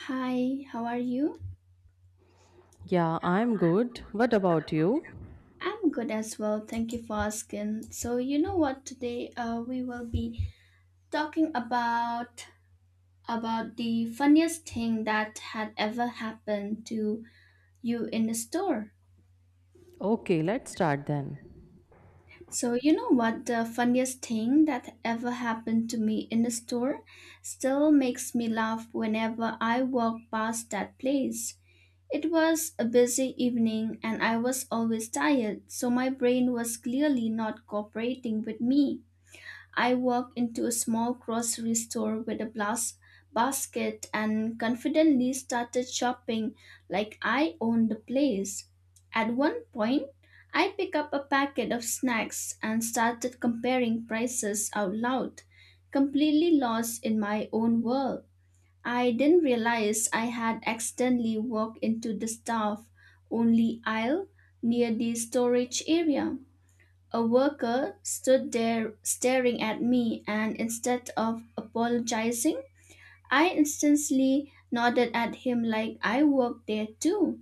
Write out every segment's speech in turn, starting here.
Hi, how are you? Yeah, I'm good. What about you? I'm good as well. Thank you for asking. So, you know what? Today, we will be talking about the funniest thing that had ever happened to you in the store. Okay, let's start then. So, you know what? The funniest thing that ever happened to me in the store still makes me laugh whenever I walk past that place. It was a busy evening and I was always tired, so my brain was clearly not cooperating with me. I walked into a small grocery store with a blast basket and confidently started shopping like I owned the place. At one point, I picked up a packet of snacks and started comparing prices out loud, completely lost in my own world. I didn't realize I had accidentally walked into the staff only aisle near the storage area. A worker stood there staring at me, and instead of apologizing, I instantly nodded at him like I worked there too.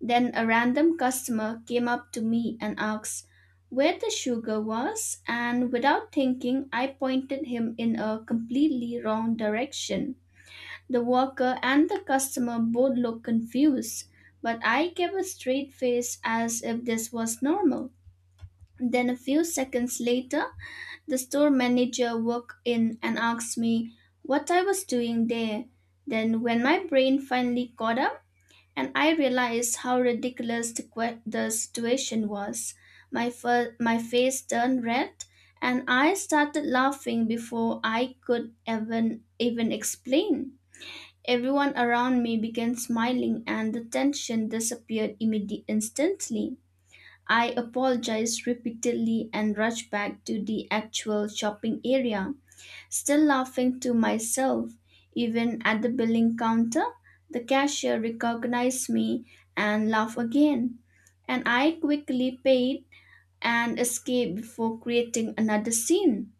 Then a random customer came up to me and asked where the sugar was, and without thinking, I pointed him in a completely wrong direction. The worker and the customer both looked confused, but I kept a straight face as if this was normal. Then, a few seconds later, the store manager walked in and asked me what I was doing there. Then, when my brain finally caught up and I realized how ridiculous the situation was, my face turned red and I started laughing before I could even explain. Everyone around me began smiling and the tension disappeared immediately instantly. I apologized repeatedly and rushed back to the actual shopping area, still laughing to myself. Even at the billing counter, the cashier recognized me and laughed again. And I quickly paid and escaped before creating another scene.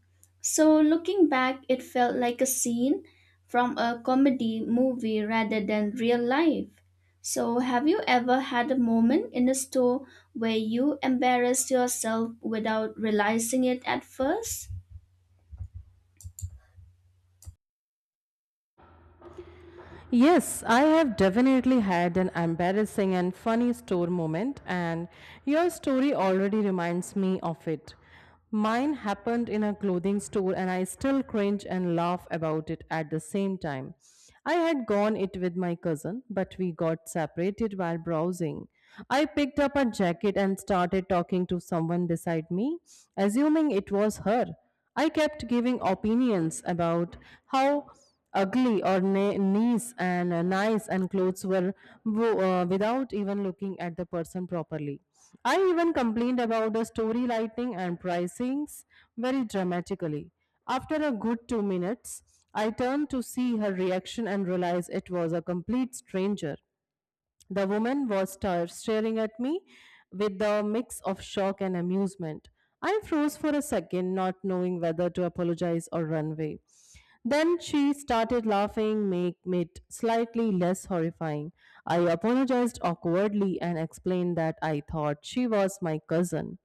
So, looking back, it felt like a scene from a comedy movie rather than real life. So, have you ever had a moment in a store where you embarrassed yourself without realizing it at first? Yes, I have definitely had an embarrassing and funny store moment, and your story already reminds me of it. Mine happened in a clothing store, and I still cringe and laugh about it at the same time. I had gone it with my cousin, but we got separated while browsing. I picked up a jacket and started talking to someone beside me, assuming it was her. I kept giving opinions about how ugly or nice and clothes were without even looking at the person properly. I even complained about the story lighting and pricings very dramatically. After a good 2 minutes, I turned to see her reaction and realized it was a complete stranger. The woman was staring at me with a mix of shock and amusement. I froze for a second, not knowing whether to apologize or run away. Then she started laughing, make it slightly less horrifying. I apologized awkwardly and explained that I thought she was my cousin.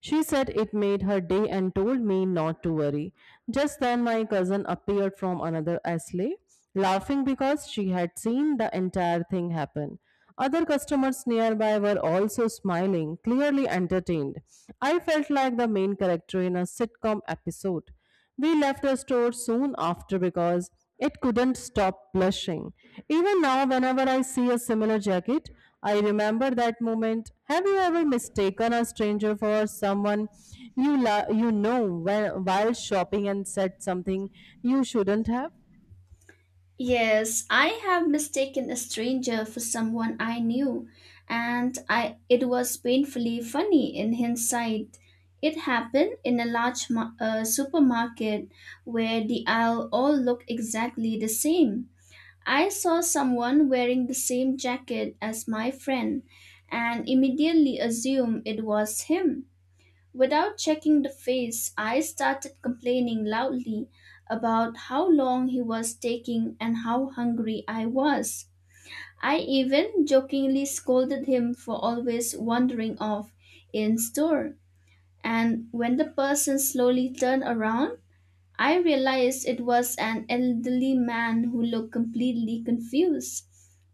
She said it made her day and told me not to worry. Just then, my cousin appeared from another aisle, laughing because she had seen the entire thing happen. Other customers nearby were also smiling, clearly entertained. I felt like the main character in a sitcom episode. We left the store soon after because it couldn't stop blushing. Even now, whenever I see a similar jacket, I remember that moment. Have you ever mistaken a stranger for someone you know when while shopping and said something you shouldn't have? Yes, I have mistaken a stranger for someone I knew, and I it was painfully funny in hindsight. It happened in a large supermarket where the aisle all looked exactly the same. I saw someone wearing the same jacket as my friend and immediately assumed it was him. Without checking the face, I started complaining loudly about how long he was taking and how hungry I was. I even jokingly scolded him for always wandering off in store. And when the person slowly turned around, I realized it was an elderly man who looked completely confused.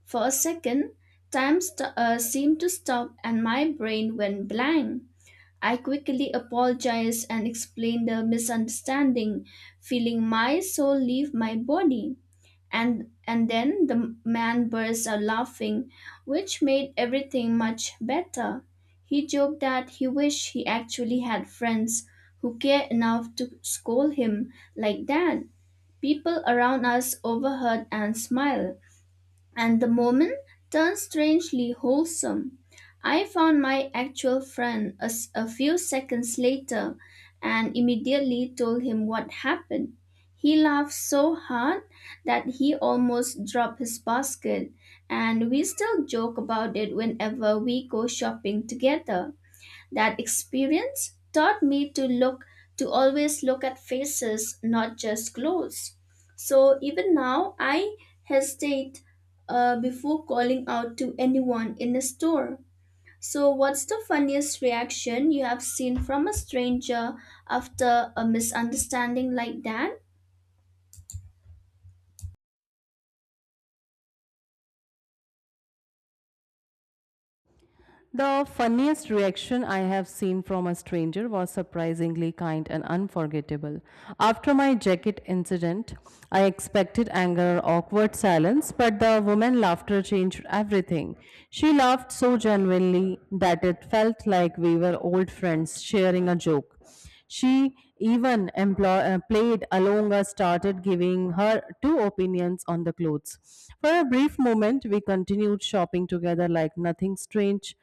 For a second, seemed to stop and my brain went blank. I quickly apologized and explained the misunderstanding, feeling my soul leave my body and then the man burst out laughing, which made everything much better. He joked that he wished he actually had friends who cared enough to scold him like that. People around us overheard and smiled and the moment turned strangely wholesome. I found my actual friend a few seconds later and immediately told him what happened. He laughed so hard that he almost dropped his basket, and we still joke about it whenever we go shopping together. That experience taught me to always look at faces, not just clothes. So even now, I hesitate before calling out to anyone in a store. So, what's the funniest reaction you have seen from a stranger after a misunderstanding like that? The funniest reaction I have seen from a stranger was surprisingly kind and unforgettable. After my jacket incident, I expected anger or awkward silence, but the woman's laughter changed everything. She laughed so genuinely that it felt like we were old friends sharing a joke. She even played along us, started giving her two opinions on the clothes. For a brief moment, we continued shopping together like nothing strange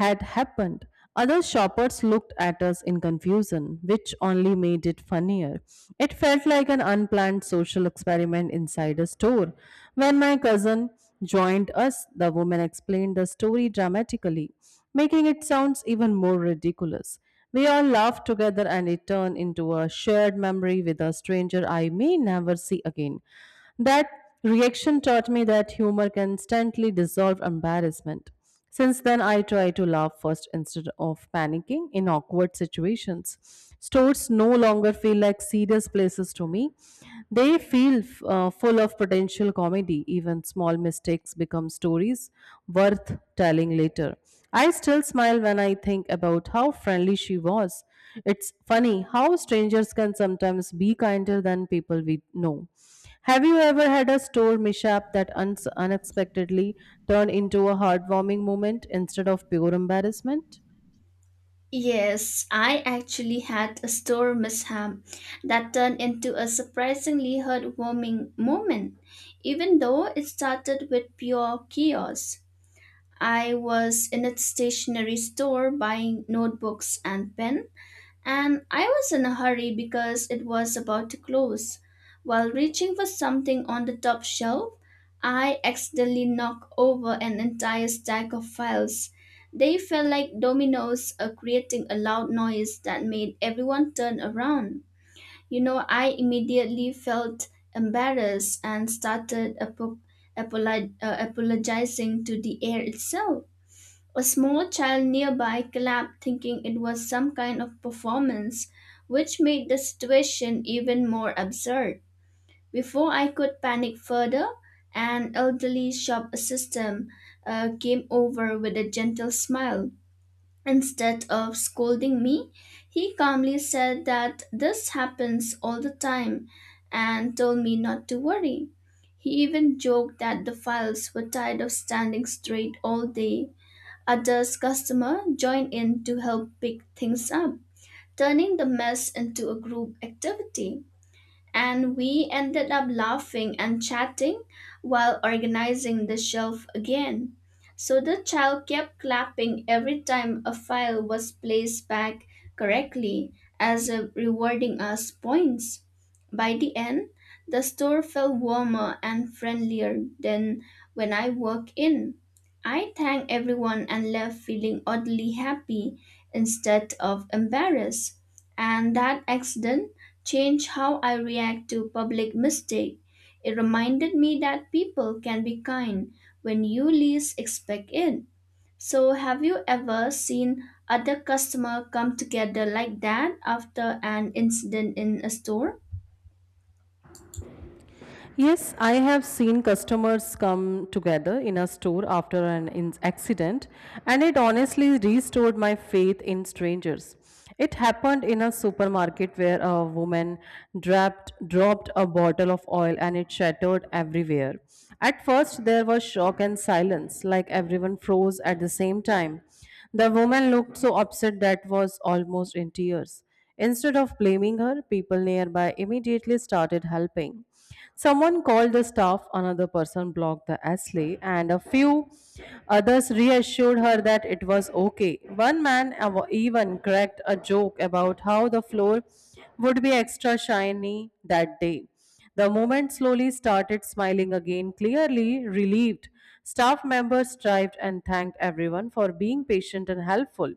had happened. Other shoppers looked at us in confusion, which only made it funnier. It felt like an unplanned social experiment inside a store. When my cousin joined us, the woman explained the story dramatically, making it sound even more ridiculous. We all laughed together and it turned into a shared memory with a stranger I may never see again. That reaction taught me that humor can instantly dissolve embarrassment. Since then, I try to laugh first instead of panicking in awkward situations. Stores no longer feel like serious places to me. They feel full of potential comedy. Even small mistakes become stories worth telling later. I still smile when I think about how friendly she was. It's funny how strangers can sometimes be kinder than people we know. Have you ever had a store mishap that uns unexpectedly turned into a heartwarming moment instead of pure embarrassment? Yes, I actually had a store mishap that turned into a surprisingly heartwarming moment. Even though it started with pure chaos, I was in a stationery store buying notebooks and pens and I was in a hurry because it was about to close. While reaching for something on the top shelf, I accidentally knocked over an entire stack of files. They fell like dominoes, creating a loud noise that made everyone turn around. You know, I immediately felt embarrassed and started apologizing to the air itself. A small child nearby clapped, thinking it was some kind of performance, which made the situation even more absurd. Before I could panic further, an elderly shop assistant came over with a gentle smile. Instead of scolding me, he calmly said that this happens all the time and told me not to worry. He even joked that the files were tired of standing straight all day. Others customers join in to help pick things up, turning the mess into a group activity and we ended up laughing and chatting while organizing the shelf again. So the child kept clapping every time a file was placed back correctly as a rewarding us points. By the end, the store felt warmer and friendlier than when I walked in. I thanked everyone and left feeling oddly happy instead of embarrassed. And that accident changed how I react to public mistake. It reminded me that people can be kind when you least expect it. So have you ever seen other customer come together like that after an incident in a store? Yes, I have seen customers come together in a store after an accident, and it honestly restored my faith in strangers. It happened in a supermarket where a woman dropped a bottle of oil and it shattered everywhere. At first, there was shock and silence, like everyone froze at the same time. The woman looked so upset that was almost in tears. Instead of blaming her, people nearby immediately started helping. Someone called the staff, another person blocked the ashley, and a few others reassured her that it was okay. One man even cracked a joke about how the floor would be extra shiny that day. The moment slowly started smiling again, clearly relieved. Staff members strived and thanked everyone for being patient and helpful.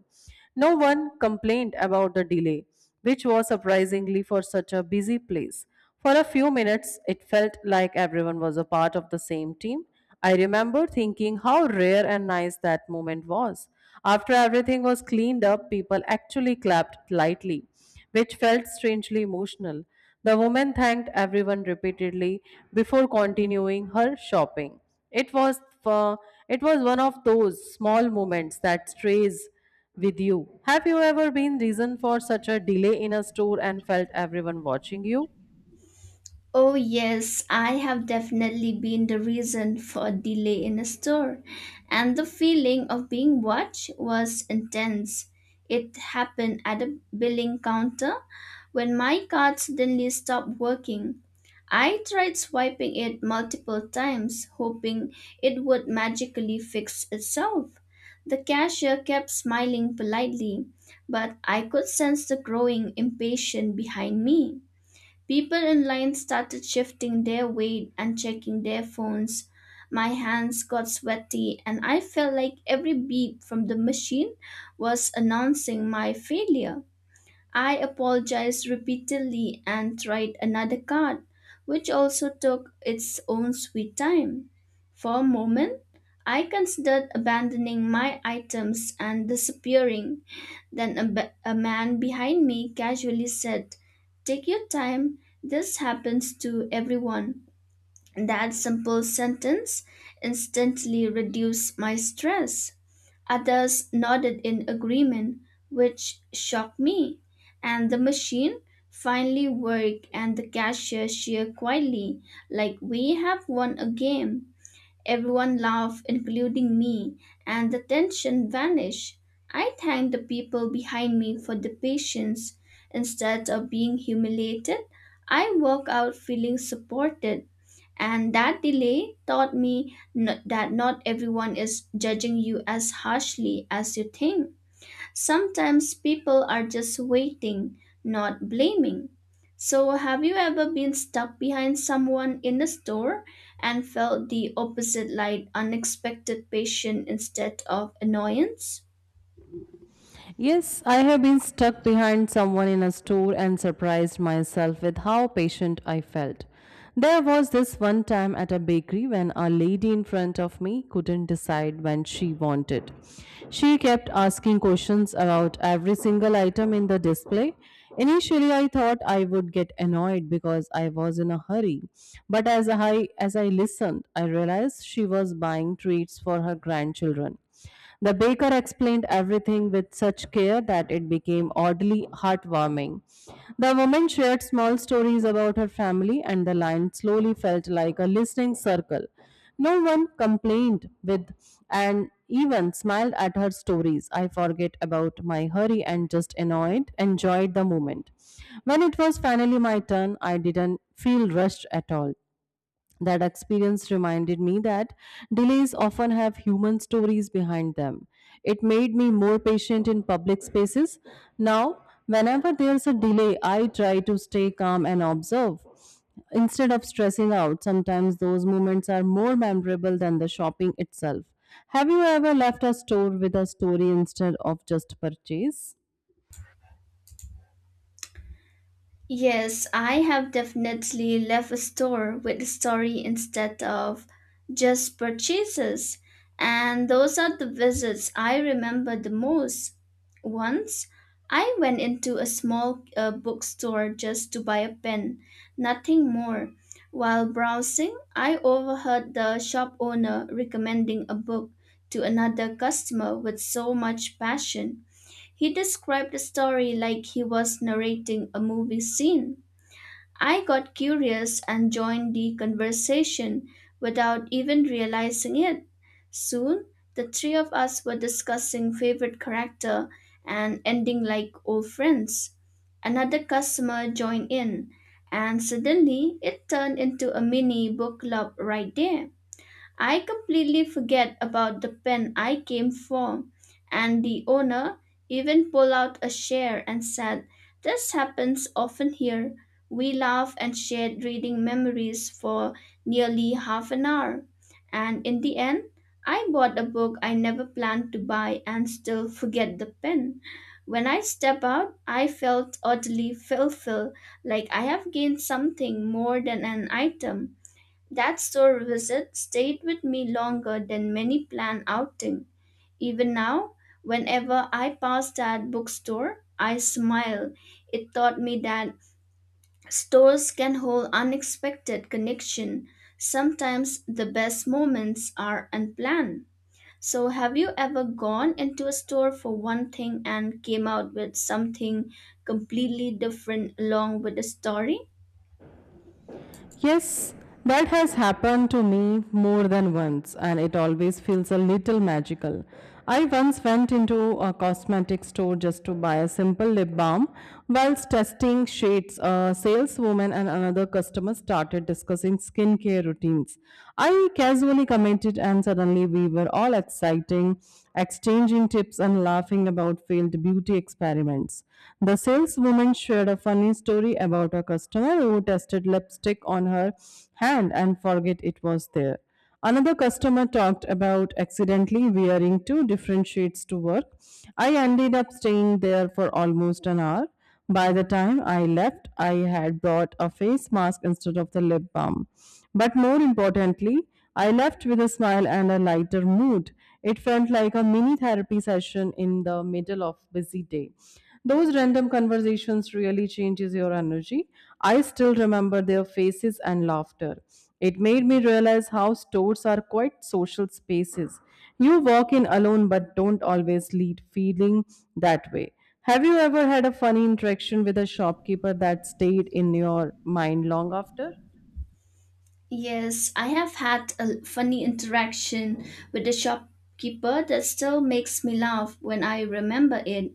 No one complained about the delay, which was surprisingly for such a busy place. For a few minutes, it felt like everyone was a part of the same team. I remember thinking how rare and nice that moment was. After everything was cleaned up, people actually clapped lightly, which felt strangely emotional. The woman thanked everyone repeatedly before continuing her shopping. It was uh, it was one of those small moments that stays with you. Have you ever been reason for such a delay in a store and felt everyone watching you? Oh yes, I have definitely been the reason for a delay in a store, and the feeling of being watched was intense. It happened at a billing counter when my card suddenly stopped working. I tried swiping it multiple times, hoping it would magically fix itself. The cashier kept smiling politely, but I could sense the growing impatience behind me. People in line started shifting their weight and checking their phones. My hands got sweaty, and I felt like every beep from the machine was announcing my failure. I apologized repeatedly and tried another card, which also took its own sweet time. For a moment, I considered abandoning my items and disappearing. Then a man behind me casually said, "Take your time, this happens to everyone." That simple sentence instantly reduced my stress. Others nodded in agreement, which shocked me. And the machine finally worked, and the cashier cheered quietly, like we have won a game. Everyone laughed, including me, and the tension vanished. I thanked the people behind me for the patience. Instead of being humiliated, I walked out feeling supported and that delay taught that not everyone is judging you as harshly as you think. Sometimes people are just waiting, not blaming. So, have you ever been stuck behind someone in the store and felt the opposite like unexpected patience instead of annoyance? Yes, I have been stuck behind someone in a store and surprised myself with how patient I felt. There was this one time at a bakery when a lady in front of me couldn't decide when she wanted. She kept asking questions about every single item in the display. Initially, I thought I would get annoyed because I was in a hurry, but as I listened, I realized she was buying treats for her grandchildren. The baker explained everything with such care that it became oddly heartwarming. The woman shared small stories about her family, and the line slowly felt like a listening circle. No one complained with and even smiled at her stories. I forget about my hurry and just annoyed, enjoyed the moment. When it was finally my turn, I didn't feel rushed at all. That experience reminded me that delays often have human stories behind them. It made me more patient in public spaces. Now, whenever there's a delay, I try to stay calm and observe. Instead of stressing out, sometimes those moments are more memorable than the shopping itself. Have you ever left a store with a story instead of just purchase? Yes, I have definitely left a store with a story instead of just purchases, and those are the visits I remember the most. Once, I went into a small bookstore just to buy a pen, nothing more. While browsing, I overheard the shop owner recommending a book to another customer with so much passion. He described the story like he was narrating a movie scene. I got curious and joined the conversation without even realizing it. Soon, the three of us were discussing favorite character and ending like old friends. Another customer joined in, and suddenly it turned into a mini book club right there. I completely forget about the pen I came from, and the owner even pulled out a chair and said, "This happens often here." We laughed and shared reading memories for nearly half an hour. And in the end, I bought a book I never planned to buy and still forget the pen. When I step out, I felt oddly fulfilled, like I have gained something more than an item. That store visit stayed with me longer than many planned outing. Even now, whenever I pass that bookstore, I smile. It taught me that stores can hold unexpected connection. Sometimes the best moments are unplanned. So have you ever gone into a store for one thing and came out with something completely different along with the story? Yes, that has happened to me more than once, and it always feels a little magical. I once went into a cosmetic store just to buy a simple lip balm. Whilst testing shades, a saleswoman and another customer started discussing skincare routines. I casually commented, and suddenly we were all exchanging tips and laughing about failed beauty experiments customers. The saleswoman shared a funny story about a customer who tested lipstick on her hand and forget it was there. Another customer talked about accidentally wearing two different shades to work. I ended up staying there for almost an hour. By the time I left, I had brought a face mask instead of the lip balm. But more importantly, I left with a smile and a lighter mood. It felt like a mini therapy session in the middle of busy day. Those random conversations really changes your energy. I still remember their faces and laughter. It made me realize how stores are quite social spaces. You walk in alone but don't always lead feeling that way. Have you ever had a funny interaction with a shopkeeper that stayed in your mind long after? Yes, I have had a funny interaction with a shopkeeper that still makes me laugh when I remember it.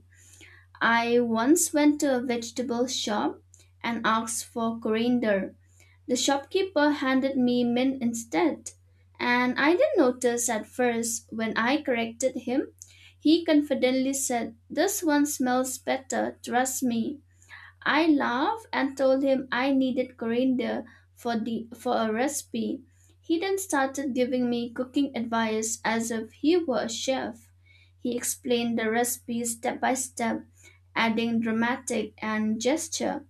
I once went to a vegetable shop and asked for coriander. The shopkeeper handed me mint instead, and I didn't notice at first when I corrected him. He confidently said, "This one smells better, trust me." I laughed and told him I needed coriander for a recipe. He then started giving me cooking advice as if he were a chef. He explained the recipe step by step, adding dramatic and gesture.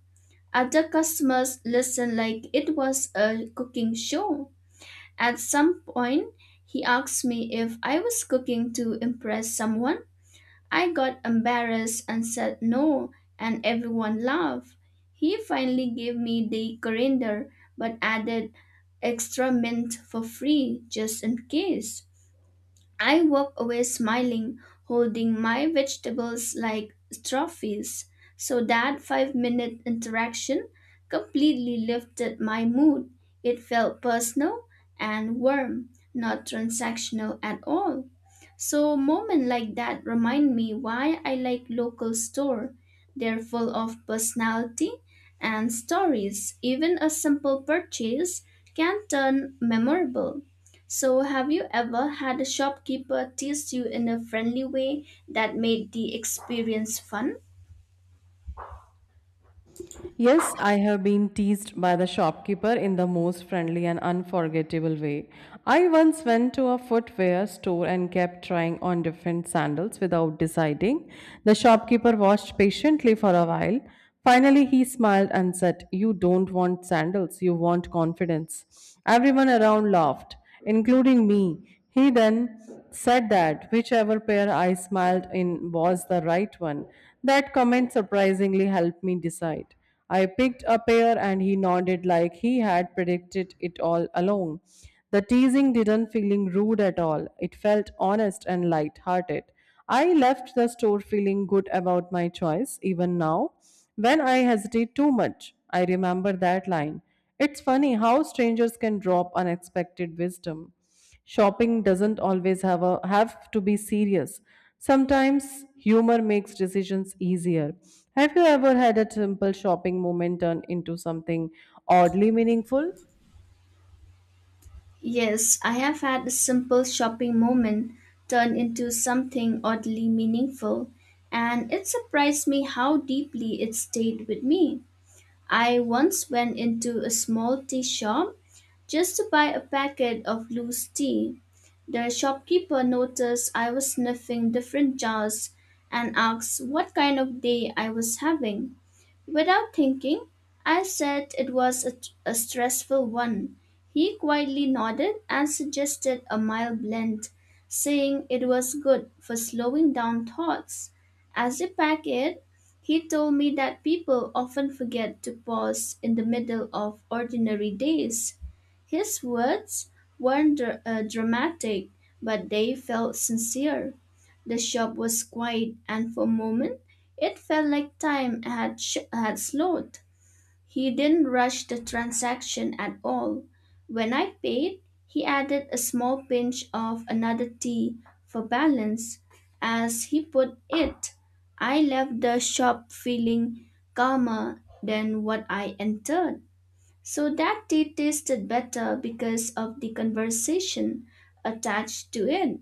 Other customers listened like it was a cooking show. At some point, he asked me if I was cooking to impress someone. I got embarrassed and said no, and everyone laughed. He finally gave me the coriander but added extra mint for free just in case. I walked away smiling, holding my vegetables like trophies. So that 5-minute interaction completely lifted my mood. It felt personal and warm, not transactional at all. So moment like that remind me why I like local store. They're full of personality and stories. Even a simple purchase can turn memorable. So have you ever had a shopkeeper tease you in a friendly way that made the experience fun? Yes, I have been teased by the shopkeeper in the most friendly and unforgettable way. I once went to a footwear store and kept trying on different sandals without deciding. The shopkeeper watched patiently for a while. Finally, he smiled and said, You don't want sandals, you want confidence. Everyone around laughed, including me. He then said that whichever pair I smiled in was the right one. That comment surprisingly helped me decide. I picked a pear and he nodded like he had predicted it all along. The teasing didn't feeling rude at all. It felt honest and light-hearted. I left the store feeling good about my choice even now. When I hesitate too much, I remember that line. It's funny how strangers can drop unexpected wisdom. Shopping doesn't always have a have to be serious. Sometimes humor makes decisions easier. Have you ever had a simple shopping moment turn into something oddly meaningful? Yes, I have had a simple shopping moment turn into something oddly meaningful, and it surprised me how deeply it stayed with me. I once went into a small tea shop just to buy a packet of loose tea. The shopkeeper noticed I was sniffing different jars and asked what kind of day I was having. Without thinking, I said it was a stressful one. He quietly nodded and suggested a mild blend, saying it was good for slowing down thoughts. As we packed it, he told me that people often forget to pause in the middle of ordinary days. His words weren't dramatic, but they felt sincere. The shop was quiet, and for a moment, it felt like time had slowed. He didn't rush the transaction at all. When I paid, he added a small pinch of another tea for balance. As he put it, I left the shop feeling calmer than what I entered. So that tea tasted better because of the conversation attached to it.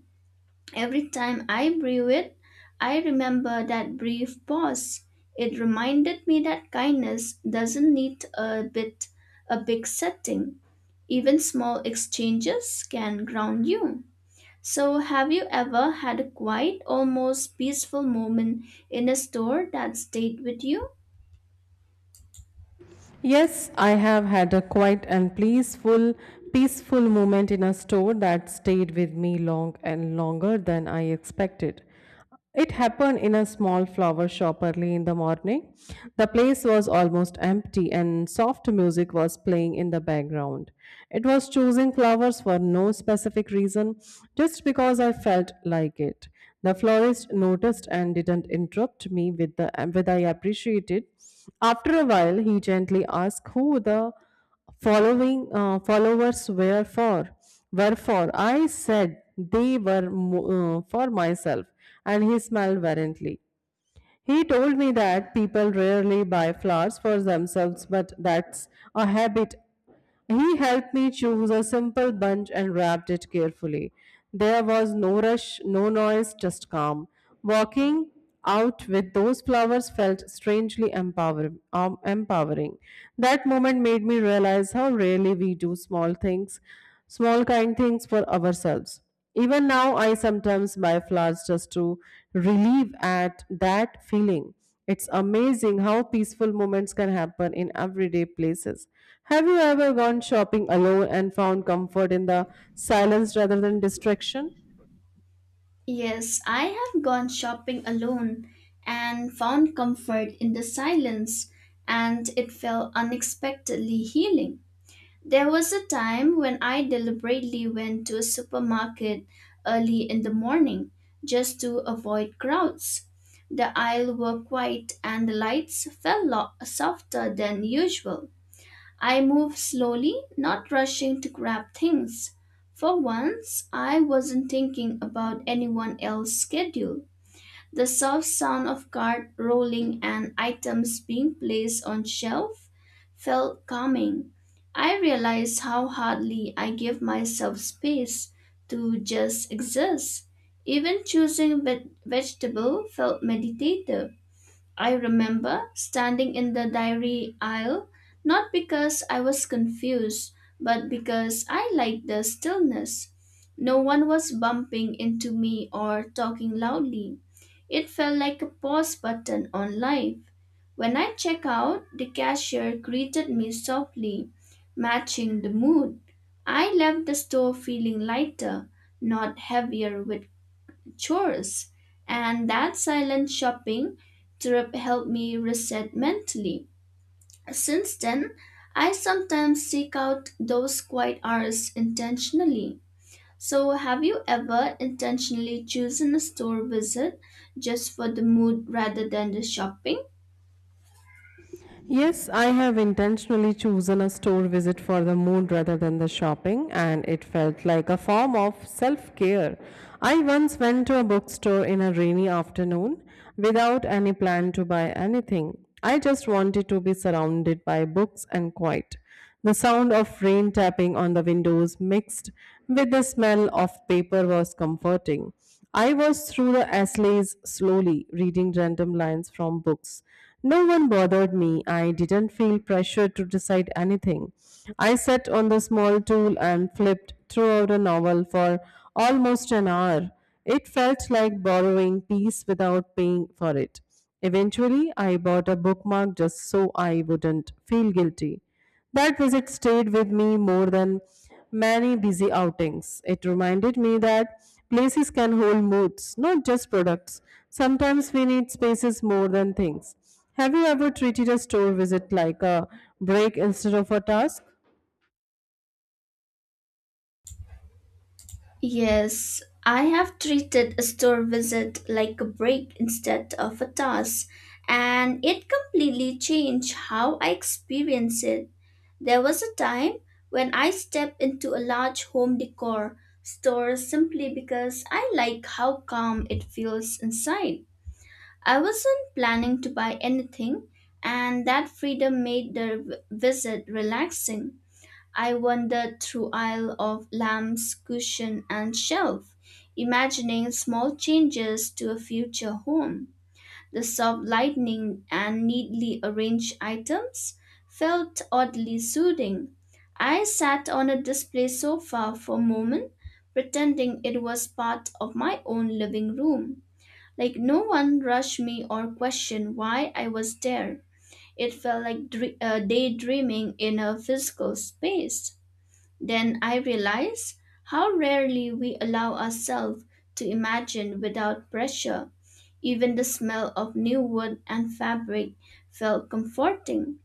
Every time I brew it, I remember that brief pause. It reminded me that kindness doesn't need a big setting. Even small exchanges can ground you. So have you ever had a quiet, almost peaceful moment in a store that stayed with you? Yes, I have had a quiet and peaceful moment in a store that stayed with me longer than I expected. It happened in a small flower shop early in the morning. The place was almost empty and soft music was playing in the background. It was choosing flowers for no specific reason, just because I felt like it. The florist noticed and didn't interrupt me with the with I appreciated. After a while, he gently asked who the following followers were for. Wherefore I said they were for myself, and he smiled variantly. He told me that people rarely buy flowers for themselves, but that's a habit. He helped me choose a simple bunch and wrapped it carefully. There was no rush, no noise, just calm. Walking out with those flowers felt strangely empowering. That moment made me realize how rarely we do small things, small kind things for ourselves. Even now, I sometimes buy flowers just to relieve at that feeling. It's amazing how peaceful moments can happen in everyday places. Have you ever gone shopping alone and found comfort in the silence rather than distraction? Yes, I have gone shopping alone and found comfort in the silence, and it felt unexpectedly healing. There was a time when I deliberately went to a supermarket early in the morning just to avoid crowds. The aisles were quiet and the lights fell softer than usual. I moved slowly, not rushing to grab things. For once, I wasn't thinking about anyone else's schedule. The soft sound of cart rolling and items being placed on shelf felt calming. I realized how hardly I give myself space to just exist. Even choosing vegetable felt meditative. I remember standing in the dairy aisle, not because I was confused, but because I liked the stillness. No one was bumping into me or talking loudly. It felt like a pause button on life. When I check out, the cashier greeted me softly, matching the mood. I left the store feeling lighter, not heavier with chores, and that silent shopping trip helped me reset mentally. Since then, I sometimes seek out those quiet hours intentionally. So, have you ever intentionally chosen a store visit just for the mood rather than the shopping? Yes, I have intentionally chosen a store visit for the moon rather than the shopping, and it felt like a form of self care. I once went to a bookstore in a rainy afternoon without any plan to buy anything. I just wanted to be surrounded by books and quiet. The sound of rain tapping on the windows mixed with the smell of paper was comforting. I was through the essays slowly, reading random lines from books. No one bothered me. I didn't feel pressured to decide anything. I sat on the small stool and flipped throughout a novel for almost an hour. It felt like borrowing peace without paying for it. Eventually, I bought a bookmark just so I wouldn't feel guilty. That visit stayed with me more than many busy outings. It reminded me that places can hold moods, not just products. Sometimes we need spaces more than things. Have you ever treated a store visit like a break instead of a task? Yes, I have treated a store visit like a break instead of a task, and it completely changed how I experience it. There was a time when I stepped into a large home decor store simply because I like how calm it feels inside. I wasn't planning to buy anything, and that freedom made the visit relaxing. I wandered through aisle of lamps, cushion, and shelf, imagining small changes to a future home. The soft lighting and neatly arranged items felt oddly soothing. I sat on a display sofa for a moment, pretending it was part of my own living room. Like no one rushed me or questioned why I was there. It felt like daydreaming in a physical space. Then I realize how rarely we allow ourselves to imagine without pressure. Even the smell of new wood and fabric felt comforting.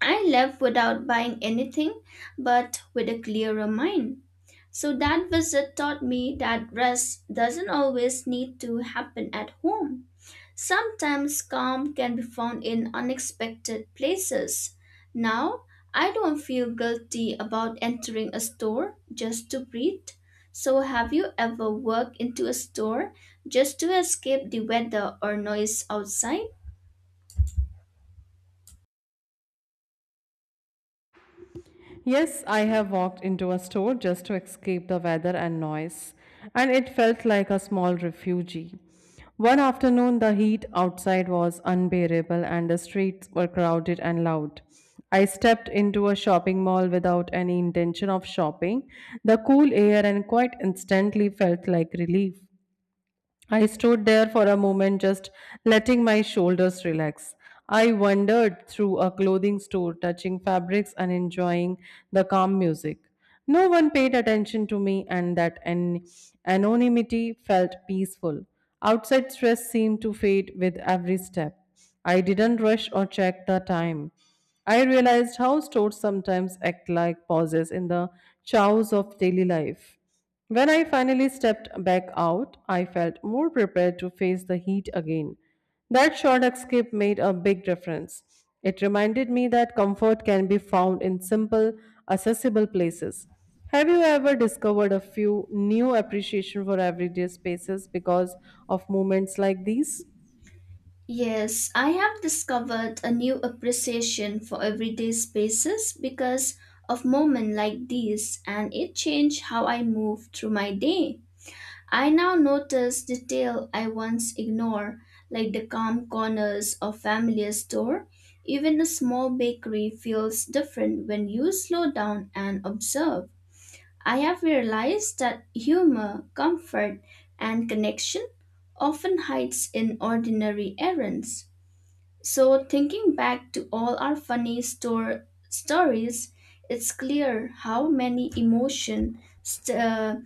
I left without buying anything, but with a clearer mind. So that visit taught me that rest doesn't always need to happen at home. Sometimes calm can be found in unexpected places. Now, I don't feel guilty about entering a store just to breathe. So, have you ever walked into a store just to escape the weather or noise outside? Yes, I have walked into a store just to escape the weather and noise, and it felt like a small refuge. One afternoon, the heat outside was unbearable and the streets were crowded and loud. I stepped into a shopping mall without any intention of shopping. The cool air and quite instantly felt like relief. I stood there for a moment, just letting my shoulders relax. I wandered through a clothing store, touching fabrics and enjoying the calm music. No one paid attention to me, and that anonymity felt peaceful. Outside stress seemed to fade with every step. I didn't rush or check the time. I realized how stores sometimes act like pauses in the chaos of daily life. When I finally stepped back out, I felt more prepared to face the heat again. That short escape made a big difference. It reminded me that comfort can be found in simple, accessible places. Have you ever discovered a few new appreciation for everyday spaces because of moments like these? Yes, I have discovered a new appreciation for everyday spaces because of moments like these, and it changed how I move through my day. I now notice detail I once ignored, like the calm corners of familiar store. Even a small bakery feels different when you slow down and observe. I have realized that humor, comfort, and connection often hides in ordinary errands. So thinking back to all our funny store stories, it's clear how many emotions uh,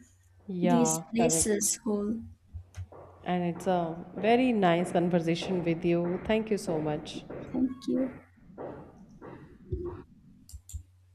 Yeah, these correct. places hold. And it's a very nice conversation with you. Thank you so much. Thank you.